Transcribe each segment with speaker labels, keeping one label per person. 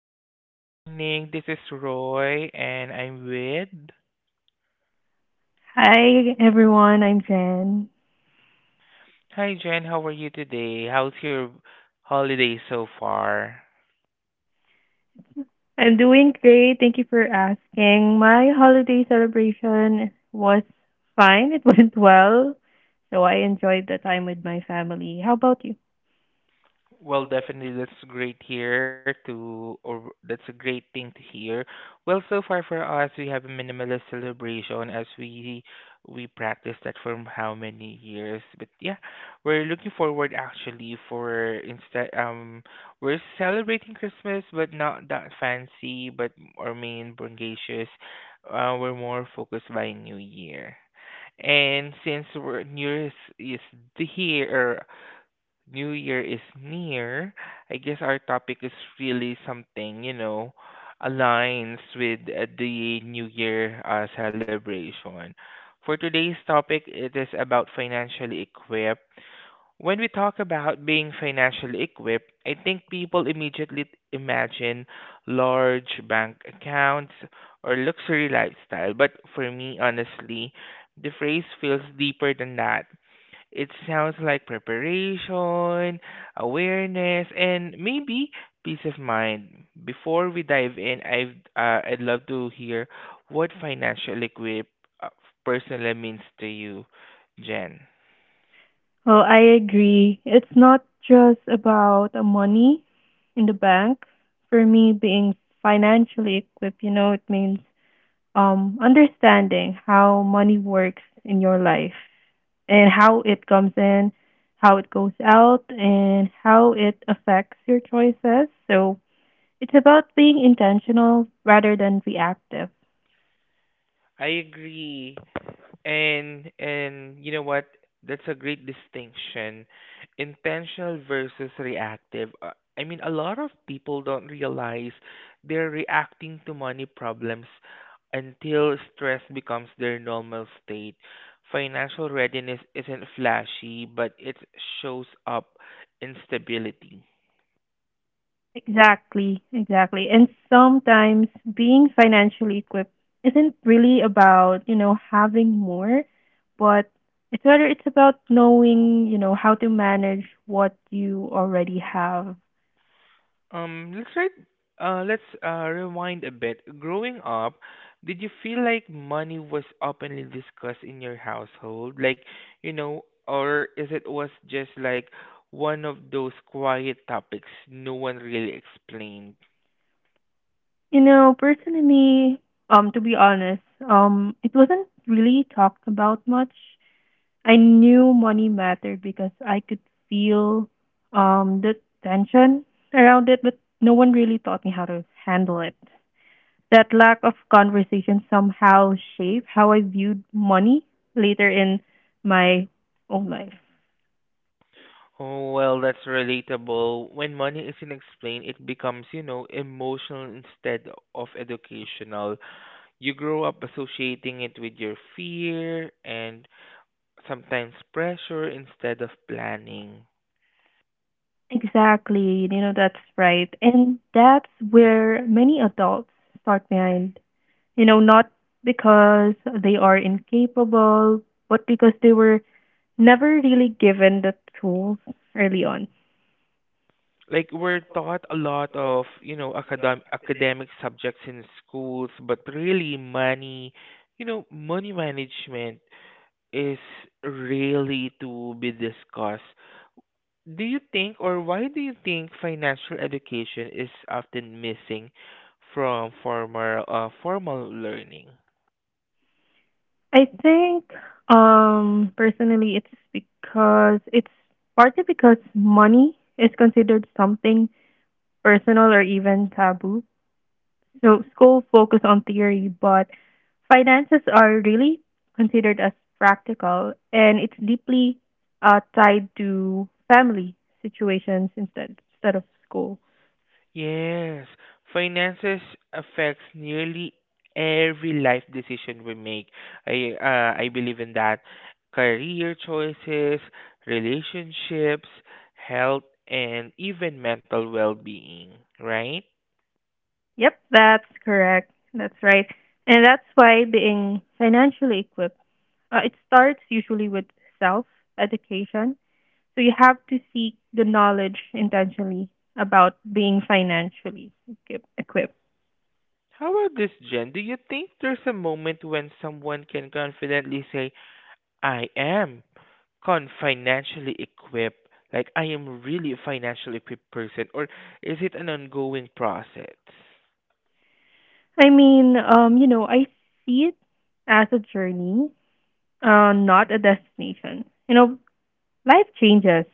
Speaker 1: everyone, good morning. This is Roy and I'm with.
Speaker 2: Hi, everyone. I'm Jen.
Speaker 1: Hi Jen, how are you today? How's your holiday so far?
Speaker 2: I'm doing great. Thank you for asking. My holiday celebration was fine. It went well. So I enjoyed the time with my family. How about you?
Speaker 1: Well, definitely, that's great here to, or that's a great thing to hear. Well, so far for us, we have a minimalist celebration as we practice that for how many years. But yeah, we're looking forward actually for instead we're celebrating Christmas, but not that fancy, but or main brungacious. We're more focused by New Year. And since we're, New Year's is the here, New Year is near, I guess our topic is really something, you know, aligns with the New Year celebration. For today's topic, it is about financially equipped. When we talk about being financially equipped, I think people immediately imagine large bank accounts or luxury lifestyle. But for me, honestly, the phrase feels deeper than that. It sounds like preparation, awareness, and maybe peace of mind. Before we dive in, I'd love to hear what financial equip uh, personally means to you, Jen.
Speaker 2: Well, I agree. It's not just about the money in the bank. For me, being financially equipped, it means understanding how money works in your life and how it comes in, how it goes out, and how it affects your choices. So it's about being intentional rather than reactive.
Speaker 1: I agree. And you know what? That's a great distinction. Intentional versus reactive. I mean, a lot of people don't realize they're reacting to money problems until stress becomes their normal state. Financial readiness isn't flashy, but it shows up in stability.
Speaker 2: Exactly, exactly. And sometimes being financially equipped isn't really about, having more, but it's rather it's about knowing, how to manage what you already have.
Speaker 1: Um, let's try, let's rewind a bit. Growing up, did you feel like money was openly discussed in your household? Like, you know, or is it was just like one of those quiet topics no one really explained?
Speaker 2: You know, personally, to be honest, it wasn't really talked about much. I knew money mattered because I could feel the tension around it, but no one really taught me how to handle it. That lack of conversation somehow shaped how I viewed money later in my own life.
Speaker 1: Oh, well, that's relatable. When money isn't explained, it becomes, you know, emotional instead of educational. You grow up associating it with your fear and sometimes pressure instead of planning.
Speaker 2: Exactly, that's right. And that's where many adults start behind. You know, not because they are incapable, but because they were never really given the tools early on.
Speaker 1: Like we're taught a lot of, you know, academic subjects in schools, but really money, you know, money management is really to be discussed. Do you think or why do you think financial education is often missing from former formal learning?
Speaker 2: I think personally it's because it's partly because money is considered something personal or even taboo. So school focus on theory, but finances are really considered as practical, and it's deeply tied to family situations instead of school.
Speaker 1: Yes, finances affects nearly every life decision we make. I believe in that. Career choices, relationships, health, and even mental well-being, right?
Speaker 2: Yep, that's correct. That's right, and that's why being financially equipped it starts usually with self education. So you have to seek the knowledge intentionally about being equipped.
Speaker 1: How about this, Jen? Do you think there's a moment when someone can confidently say, I am con financially equipped? Like I am really a financially equipped person, or is it an ongoing process?
Speaker 2: I mean, I see it as a journey, not a destination. You know, life changes.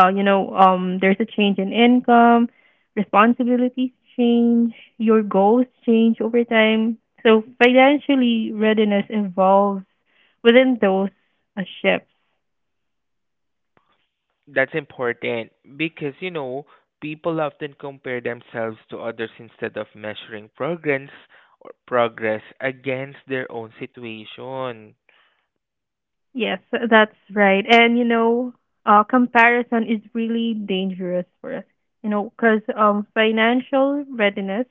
Speaker 2: There's a change in income, responsibilities change, your goals change over time. So financially, readiness evolves within those shifts.
Speaker 1: That's important because you know people often compare themselves to others instead of measuring progress against their own situation.
Speaker 2: Yes, that's right. And comparison is really dangerous for us. You know, because financial readiness,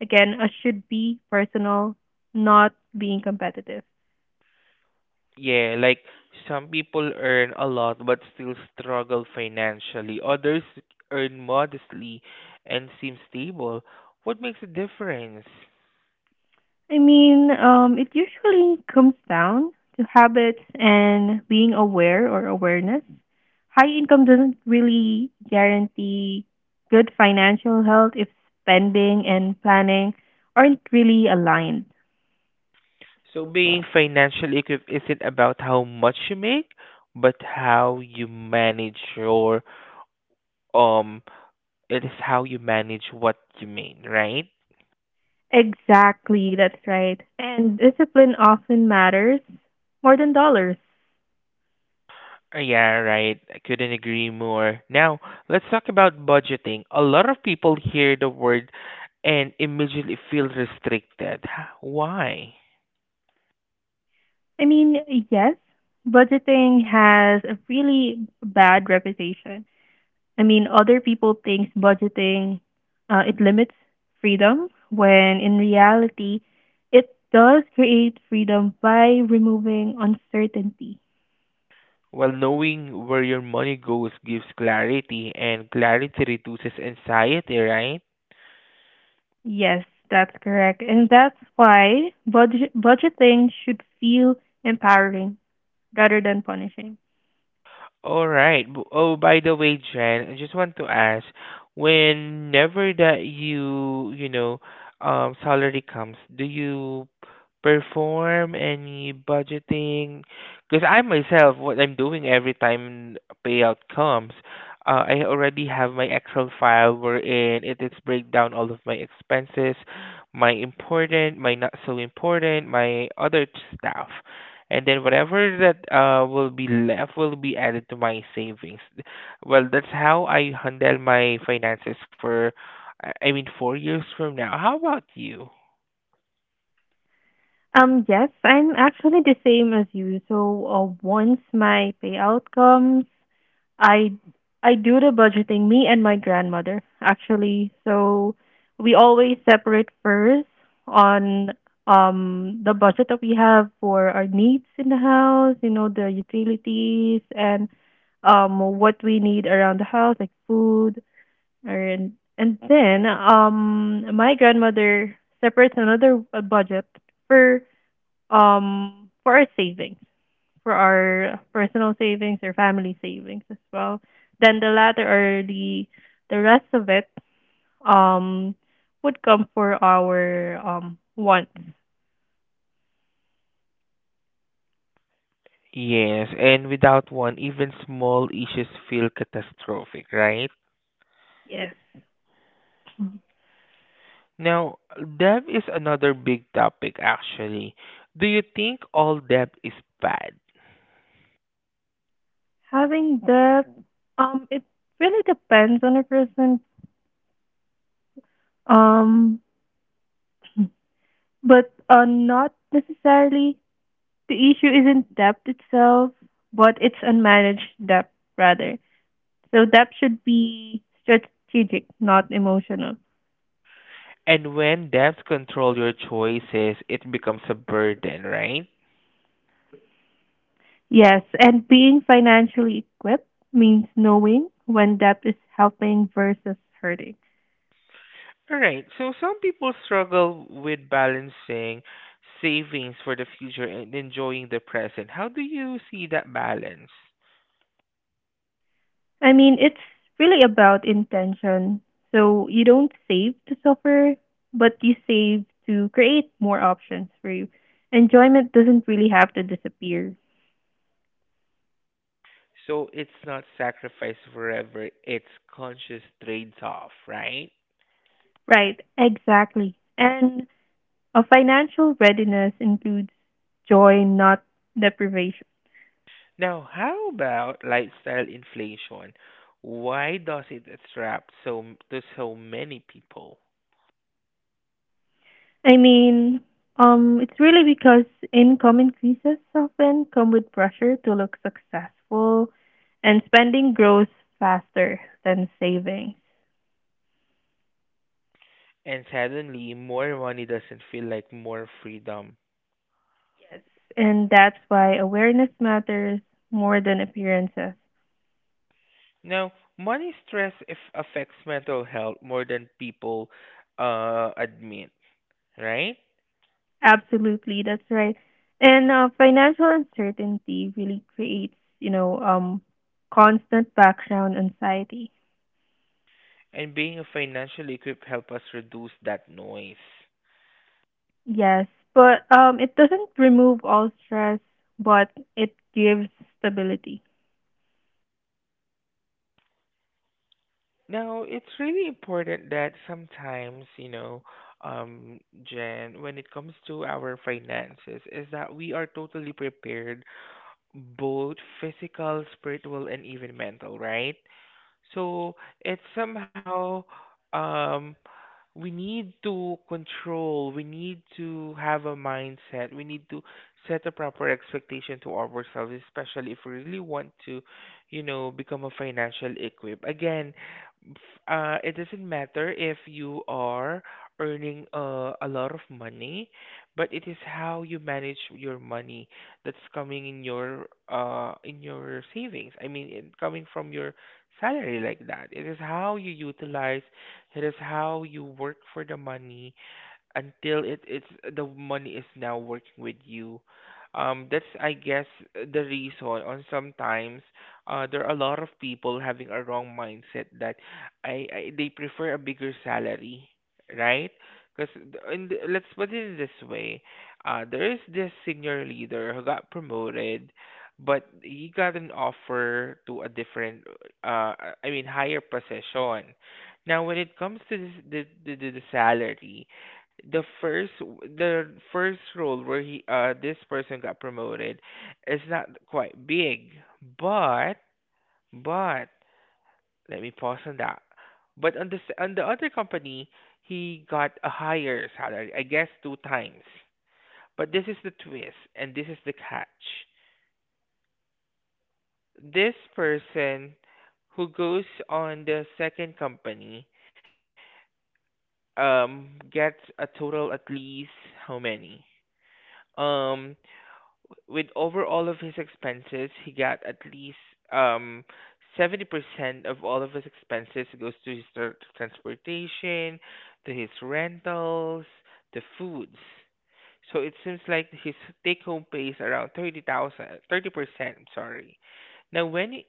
Speaker 2: again, should be personal, not being competitive.
Speaker 1: Yeah, like some people earn a lot but still struggle financially. Others earn modestly and seem stable. What makes a difference?
Speaker 2: I mean, it usually comes down to habits and being aware or awareness. High income doesn't really guarantee good financial health if spending and planning aren't really aligned.
Speaker 1: So being financially equipped isn't about how much you make, but how you manage your um It is how you manage what you mean, right?
Speaker 2: Exactly, that's right. And discipline often matters more than dollars.
Speaker 1: Yeah, right. I couldn't agree more. Now, let's talk about budgeting. A lot of people hear the word and immediately feel restricted. Why?
Speaker 2: I mean, yes, budgeting has a really bad reputation. I mean, other people think budgeting it limits freedom, when in reality, it does create freedom by removing uncertainty.
Speaker 1: Well, knowing where your money goes gives clarity, and clarity reduces anxiety, right?
Speaker 2: Yes, that's correct. And that's why budgeting should feel empowering rather than punishing.
Speaker 1: All right. Oh, by the way, Jen, I just want to ask, whenever that you know, salary comes, do you perform any budgeting? Because I myself, what I'm doing every time payout comes, I already have my Excel file wherein it is break down all of my expenses, my important, my not so important, my other stuff, and then whatever that will be left will be added to my savings. Well, that's how I handle my finances for, I mean, 4 years from now. How about you?
Speaker 2: Yes, I'm actually the same as you. So once my payout comes, I I do the budgeting. Me and my grandmother actually. So we always separate first on the budget that we have for our needs in the house. You know the utilities and what we need around the house, like food, and and then my grandmother separates another budget for our savings, for our personal savings or family savings as well, then the latter or the rest of it um would come for our wants.
Speaker 1: Yes, and without one, even small issues feel catastrophic, right?
Speaker 2: Yes. Mhm.
Speaker 1: Now, debt is another big topic, actually. Do you think all debt is bad?
Speaker 2: Having debt, it really depends on a person, um but not necessarily. The issue isn't debt itself, but it's unmanaged debt rather. So depth should be strategic, not emotional.
Speaker 1: And when debts control your choices, it becomes a burden, right?
Speaker 2: Yes, and being financially equipped means knowing when depth is helping versus hurting.
Speaker 1: All right. So some people struggle with balancing savings for the future and enjoying the present. How do you see that balance?
Speaker 2: I mean, it's really about intention. So you don't save to suffer, but you save to create more options for you. Enjoyment doesn't really have to disappear.
Speaker 1: So it's not sacrifice forever, it's conscious trade-off, right?
Speaker 2: Right, exactly. And a financial readiness includes joy, not deprivation.
Speaker 1: Now, how about lifestyle inflation? Why does it attract to so many people?
Speaker 2: I mean, it's really because income increases often come with pressure to look successful, and spending grows faster than savings.
Speaker 1: And suddenly, more money doesn't feel like more freedom.
Speaker 2: Yes, and that's why awareness matters more than appearances.
Speaker 1: Now, money stress if affects mental health more than people admit, right?
Speaker 2: Absolutely, that's right. And financial uncertainty really creates, you know, um, constant background anxiety.
Speaker 1: And being financially equipped help us reduce that noise.
Speaker 2: Yes, but it doesn't remove all stress, but it gives stability.
Speaker 1: Now, it's really important that sometimes, you know, Jen, when it comes to our finances, is that we are totally prepared, both physical, spiritual, and even mental, right? So it's somehow um we need to control, we need to have a mindset, we need to set a proper expectation to ourselves, especially if we really want to, you know, become a financial equip. Again, f- it doesn't matter if you are earning a lot of money, but it is how you manage your money that's coming in your savings. I mean, it coming from your salary like that. It is how you utilize it is how you work for the money until it's the money is now working with you. That's I guess the reason on sometimes there are a lot of people having a wrong mindset that I they prefer a bigger salary, right? Because in the, let's put it this way, there is this senior leader who got promoted, but he got an offer to a different, I mean higher position. Now, when it comes to this, the salary, the first role where he this person got promoted is not quite big, but but let me pause on that. But on the on the other company he got a higher salary, I guess two times. But this is the twist and this is the catch. This person who goes on the second company gets a total. At least how many, um with over all of his expenses, he got at least um 70% of all of his expenses goes to his transportation, to his rentals, to foods. So it seems like his take home pay is around 30,000 30%. I'm sorry. Now,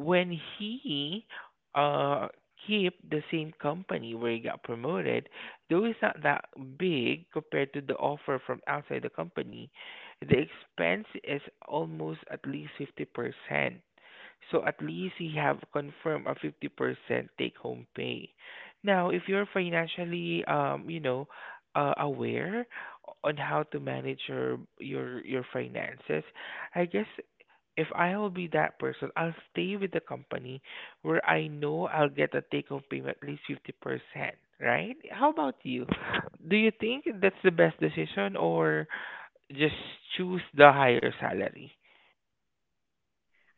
Speaker 1: when he uh keep the same company where he got promoted, though it's not that big compared to the offer from outside the company, the expense is almost at least 50%. So at least he have confirmed a 50% take home pay. Now, if you're financially aware on how to manage your finances, I guess if I will be that person, I'll stay with the company where I know I'll get a take home payment at least 50%, right? How about you? Do you think that's the best decision or just choose the higher salary?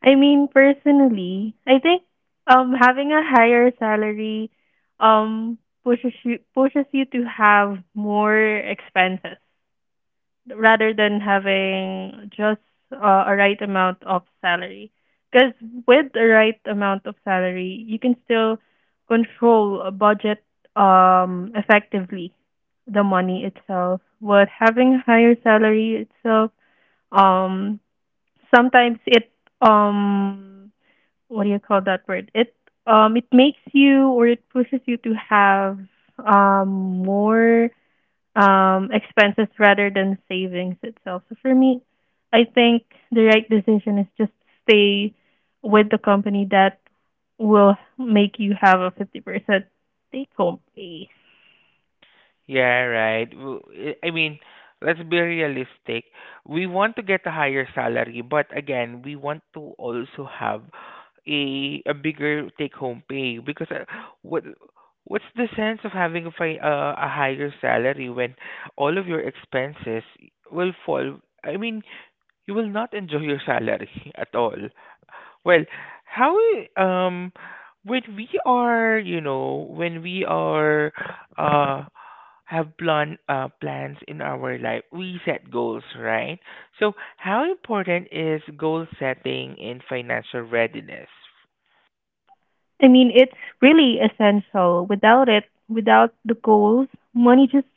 Speaker 2: I mean, personally, I think having a higher salary pushes you to have more expenses, rather than having just a right amount of salary. Because with the right amount of salary, you can still control a budget effectively, the money itself. But having higher salary itself, um, sometimes it um, what do you call that word? It it makes you or it pushes you to have more expenses rather than savings itself. So for me, I think the right decision is just stay with the company that will make you have a 50% take home pay.
Speaker 1: Yeah, right. I mean, let's be realistic. We want to get a higher salary, but again, we want to also have a bigger take home pay because what what's the sense of having a higher salary when all of your expenses will fall? I mean, you will not enjoy your salary at all. Well, how um when we are, you know, when we are uh have plans in our life, we set goals, right? So, how important is goal setting in financial readiness?
Speaker 2: I mean, it's really essential. Without it, without the goals, money just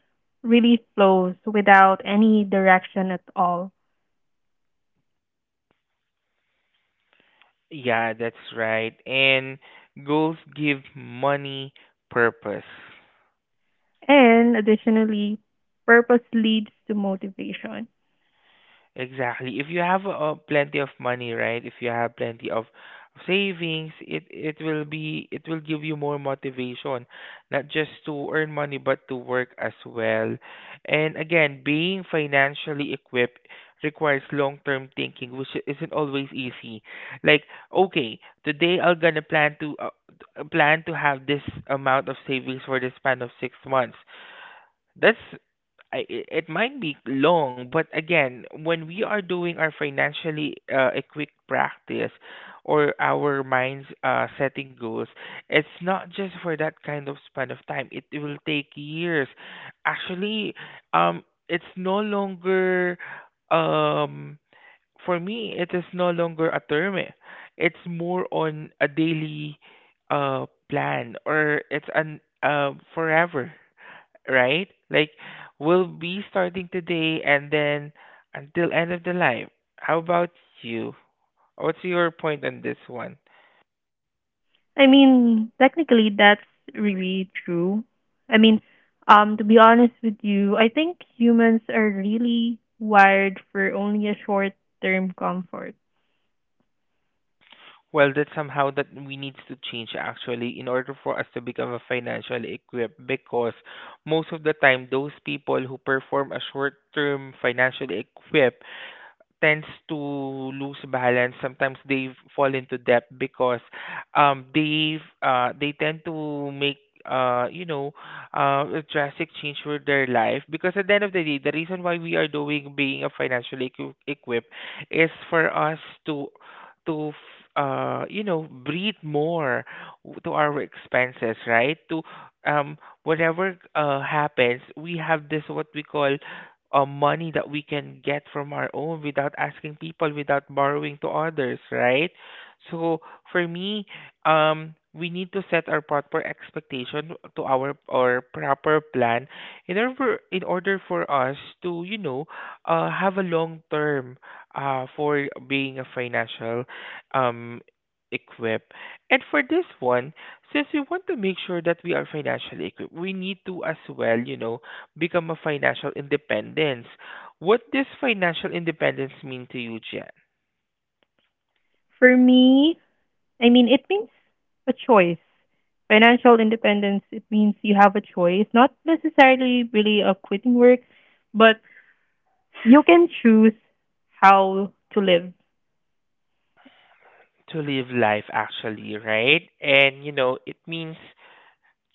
Speaker 2: really flows without any direction at all.
Speaker 1: Yeah, that's right. And goals give money purpose.
Speaker 2: And additionally, purpose leads to motivation.
Speaker 1: Exactly. If you have plenty of money, right? If you have plenty of savings, it will be it will give you more motivation, not just to earn money but to work as well. And again, being financially equipped requires long-term thinking, which isn't always easy. Like, okay, today I'm gonna plan to have this amount of savings for the span of 6 months. That's, it might be long, but again, when we are doing our financially equipped practice or our minds setting goals, it's not just for that kind of span of time. It will take years. Actually, um, it's no longer um for me. It is no longer a term. Eh. It's more on a daily plan, or it's an forever, right? Like we'll be starting today and then until end of the life. How about you? What's your point on this one?
Speaker 2: I mean, technically, that's really true. I mean, to be honest with you, I think humans are really wired for only a short term comfort.
Speaker 1: Well, that's somehow that we need to change actually in order for us to become a financially equipped, because most of the time those people who perform a short-term financially equipped tends to lose balance. Sometimes they fall into debt because they tend to make you know, a drastic change for their life. Because at the end of the day, the reason why we are doing being a equipped is for us to you know, breathe more to our expenses, right? To um, whatever happens, we have this what we call money that we can get from our own without asking people, without borrowing to others, right? So for me, we need to set our proper expectation to our or proper plan in order for us to have a long term for being a financial um equipped. And for this one, since we want to make sure that we are financially equipped, we need to as well, become a financial independence. What does financial independence mean to you, Jen?
Speaker 2: For me, I mean, it means a choice. Financial independence, it means you have a choice, not necessarily really of quitting work, but you can choose how to live.
Speaker 1: To live life actually, right? And you know, it means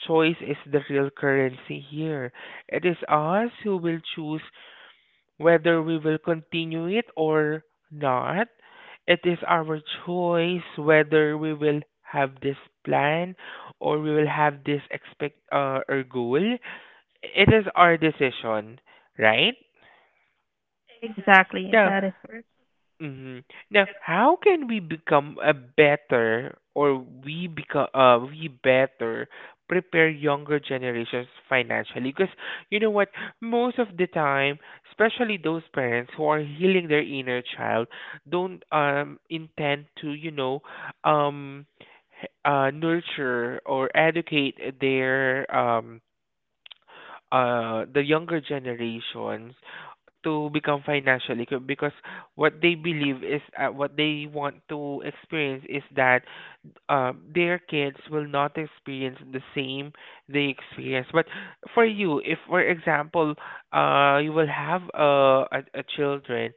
Speaker 1: choice is the real currency here. It is us who will choose whether we will continue it or not. It is our choice whether we will have this plan or we will have this expect or goal. It is our decision, right?
Speaker 2: Exactly,
Speaker 1: Now,
Speaker 2: that is correct.
Speaker 1: hmm now, how can we become a better or we become we better prepare younger generations financially? Because you know what, most of the time, especially those parents who are healing their inner child, don't intend to, you know, um nurture or educate their the younger generations to become because what they believe is what they want to experience is that their kids will not experience the same they experience. But for you, if for example, you will have a children,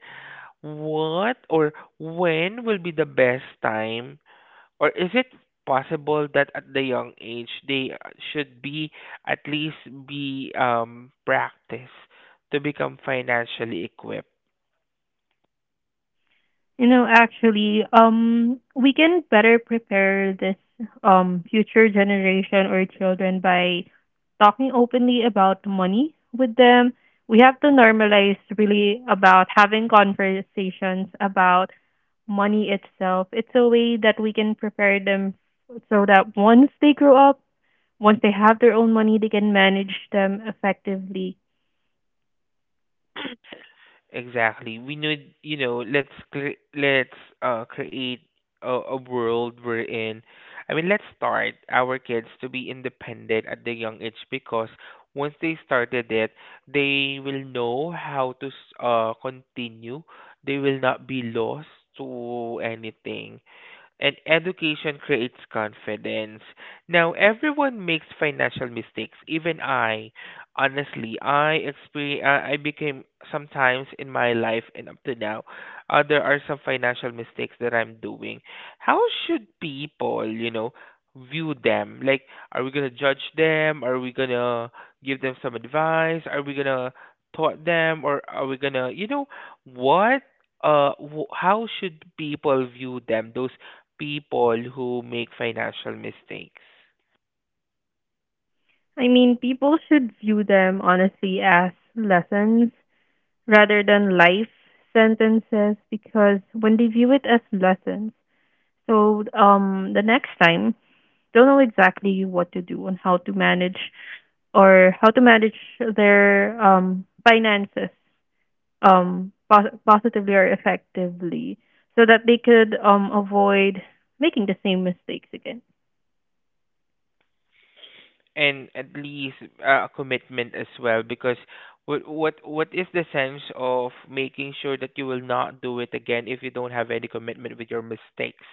Speaker 1: what or when will be the best time, or is it possible that at the young age they should be at least be practice to become financially equipped?
Speaker 2: You know, actually, we can better prepare this future generation or children by talking openly about money with them. We have to normalize really about having conversations about money itself. It's a way that we can prepare them so that once they grow up, once they have their own money, they can manage them effectively.
Speaker 1: Exactly. We need, you know, let's create a world wherein, I mean, let's start our kids to be independent at the young age, because once they started it, they will know how to continue. They will not be lost to anything, and education creates confidence. Now, everyone makes financial mistakes, even I. Honestly, I experience, I became sometimes in my life, and up to now, there are some financial mistakes that I'm doing. How should people, you know, view them? Like, are we gonna judge them? Are we gonna give them some advice? Are we gonna taught them, or are we gonna, you know, what? How should people view them, those people who make financial mistakes?
Speaker 2: I mean, people should view them honestly as lessons rather than life sentences, because when they view it as lessons, so the next time they'll know exactly what to do and how to manage or how to manage their finances positively or effectively so that they could avoid making the same mistakes again.
Speaker 1: And at least a commitment as well, because what is the sense of making sure that you will not do it again if you don't have any commitment with your mistakes.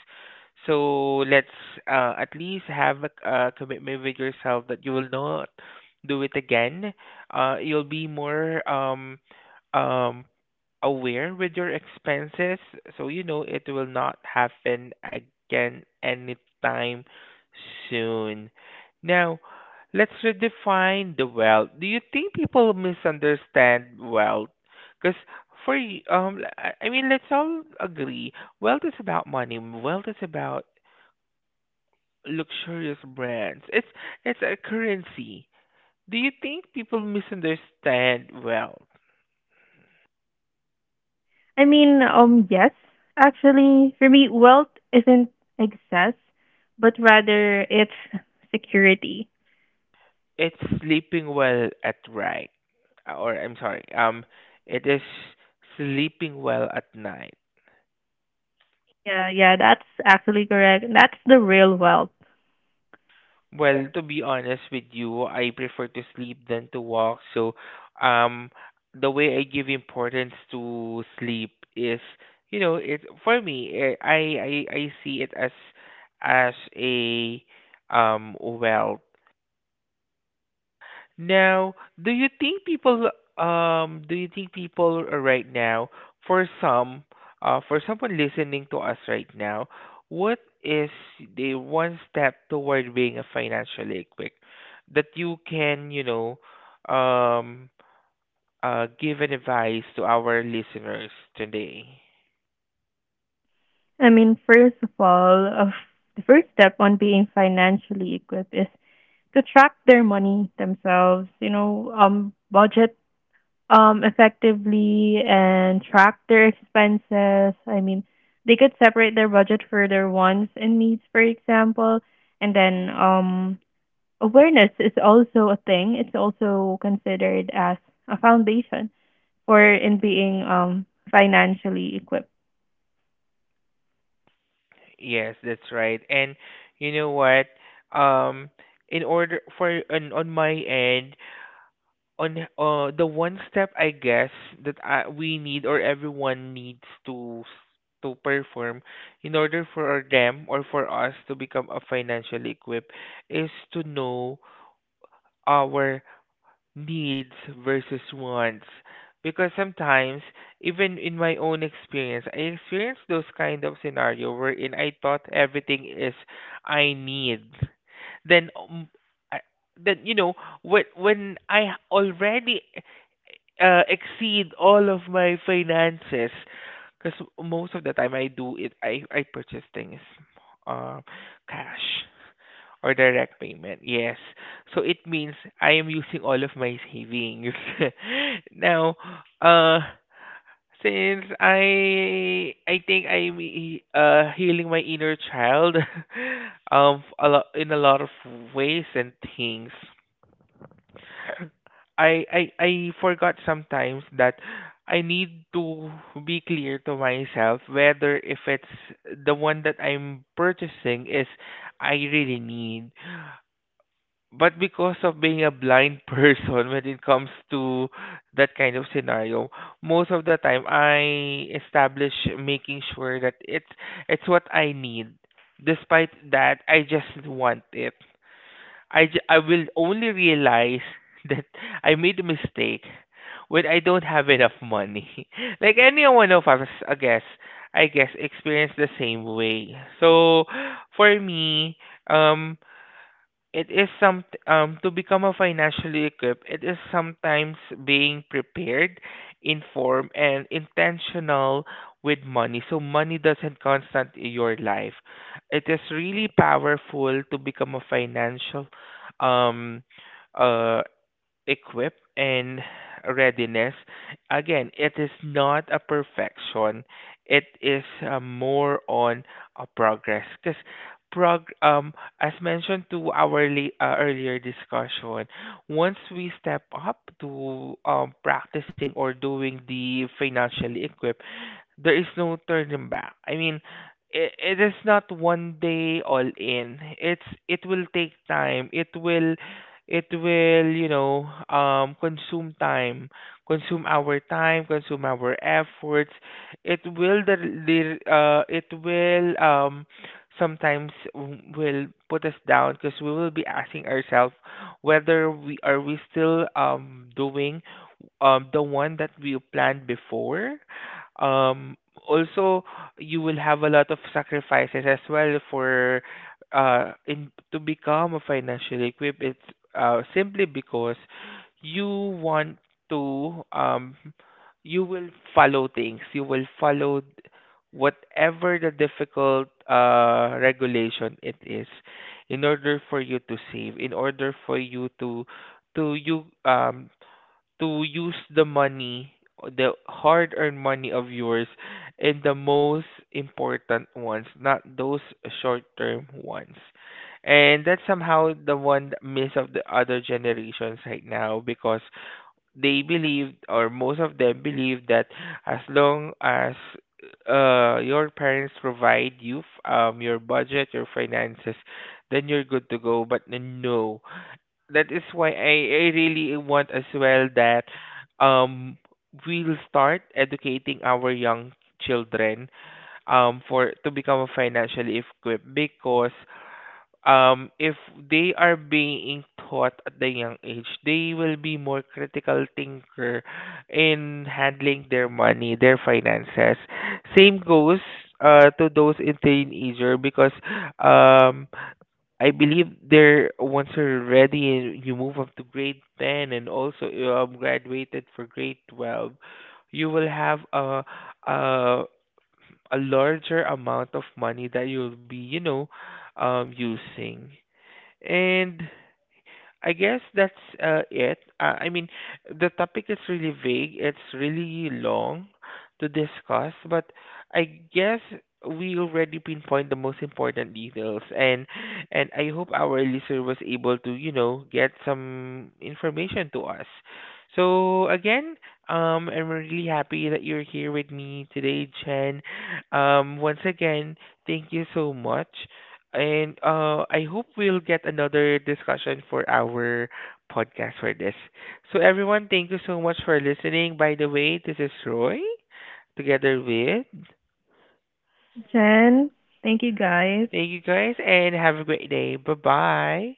Speaker 1: So let's at least have a commitment with yourself that you will not do it again. You'll be more um aware with your expenses, so you know it will not happen again anytime soon. Now, let's redefine the wealth. Do you think people misunderstand wealth? Because I mean, let's all agree, wealth is about money. Wealth is about luxurious brands. It's a currency. Do you think people misunderstand wealth?
Speaker 2: I mean, yes, actually for me wealth isn't excess, but rather it's security.
Speaker 1: It's sleeping well at night, or I'm sorry, it is sleeping well at night.
Speaker 2: Yeah, yeah, that's actually correct. That's the real wealth.
Speaker 1: Well, to be honest with you, I prefer to sleep than to walk. So, um, the way I give importance to sleep is, you know, it for me, I see it as a wealth. Now, do you think people do you think people right now, for some for someone listening to us right now, what is the one step toward being a financially quick that you can, you know, um give an advice to our listeners today?
Speaker 2: I mean, first of all, of the first step on being financially equipped is to track their money themselves, budget effectively and track their expenses. I mean, they could separate their budget for their wants and needs, for example, and then awareness is also a thing. It's also considered as a foundation or in being financially equipped.
Speaker 1: Yes, that's right. And you know what? Um, in order for on my end, on the one step, I guess that I, we need, or everyone needs to to perform in order for them or for us to become a financially equipped is to know our needs versus wants. Because sometimes, even in my own experience, I experienced those kind of scenario wherein I thought everything is I need. Then I, then you know, when I already exceed all of my finances, because most of the time I do it, I purchase things uh, cash or direct payment. Yes. So it means I am using all of my savings. Now, uh, since I think I'm healing my inner child a lot, in a lot of ways and things. I forgot sometimes that I need to be clear to myself whether if it's the one that I'm purchasing is I really need. But because of being a blind person when it comes to that kind of scenario, most of the time I establish making sure that it's what I need. Despite that, I just want it. I will only realize that I made a mistake when I don't have enough money. Like any one of us, I guess experience the same way. So for me, um, it is some to become a financially equipped, it is sometimes being prepared, informed and intentional with money. So money doesn't constant in your life. It is really powerful to become a financial um uh equip and readiness. Again, it is not a perfection, it is more on a progress. Because prog as mentioned to our earlier discussion, once we step up to practicing or doing the financially equip, there is no turning back. I mean, it is not one day all in. It's it will take time. It will, you know, consume time, consume our efforts. It will the it will sometimes will put us down, because we will be asking ourselves whether we are we still doing the one that we planned before. um, Also, you will have a lot of sacrifices as well for in to become a financial equipped. It's simply because you want to you will follow things. You will follow th- whatever the difficult regulation it is, in order for you to save, in order for you to you to use the money, the hard earned money of yours, in the most important ones, not those short term ones. And that's somehow the one miss of the other generations right now, because they believe, or most of them believe, that as long as your parents provide you your budget, your finances, then you're good to go. But no, that is why I really want as well that um we'll start educating our young children for to become financially equipped. Because if they are being taught at the young age, they will be more critical thinker in handling their money, their finances. Same goes to those in teenager, because um I believe there, once you're ready, and you move up to grade 10, and also you graduated for grade 12, you will have a a larger amount of money that you'll be, you know, using. And I guess that's it. I mean, the topic is really vague. It's really long to discuss, but I guess we already pinpoint the most important details, and I hope our listener was able to, you know, get some information to us. So again, I'm really happy that you're here with me today, Chen. Once again, thank you so much. And I hope we'll get another discussion for our podcast for this. So, everyone, thank you so much for listening. By the way, this is Roy together with.
Speaker 2: Jen, thank you guys.
Speaker 1: Thank you guys and have a great day. Bye bye.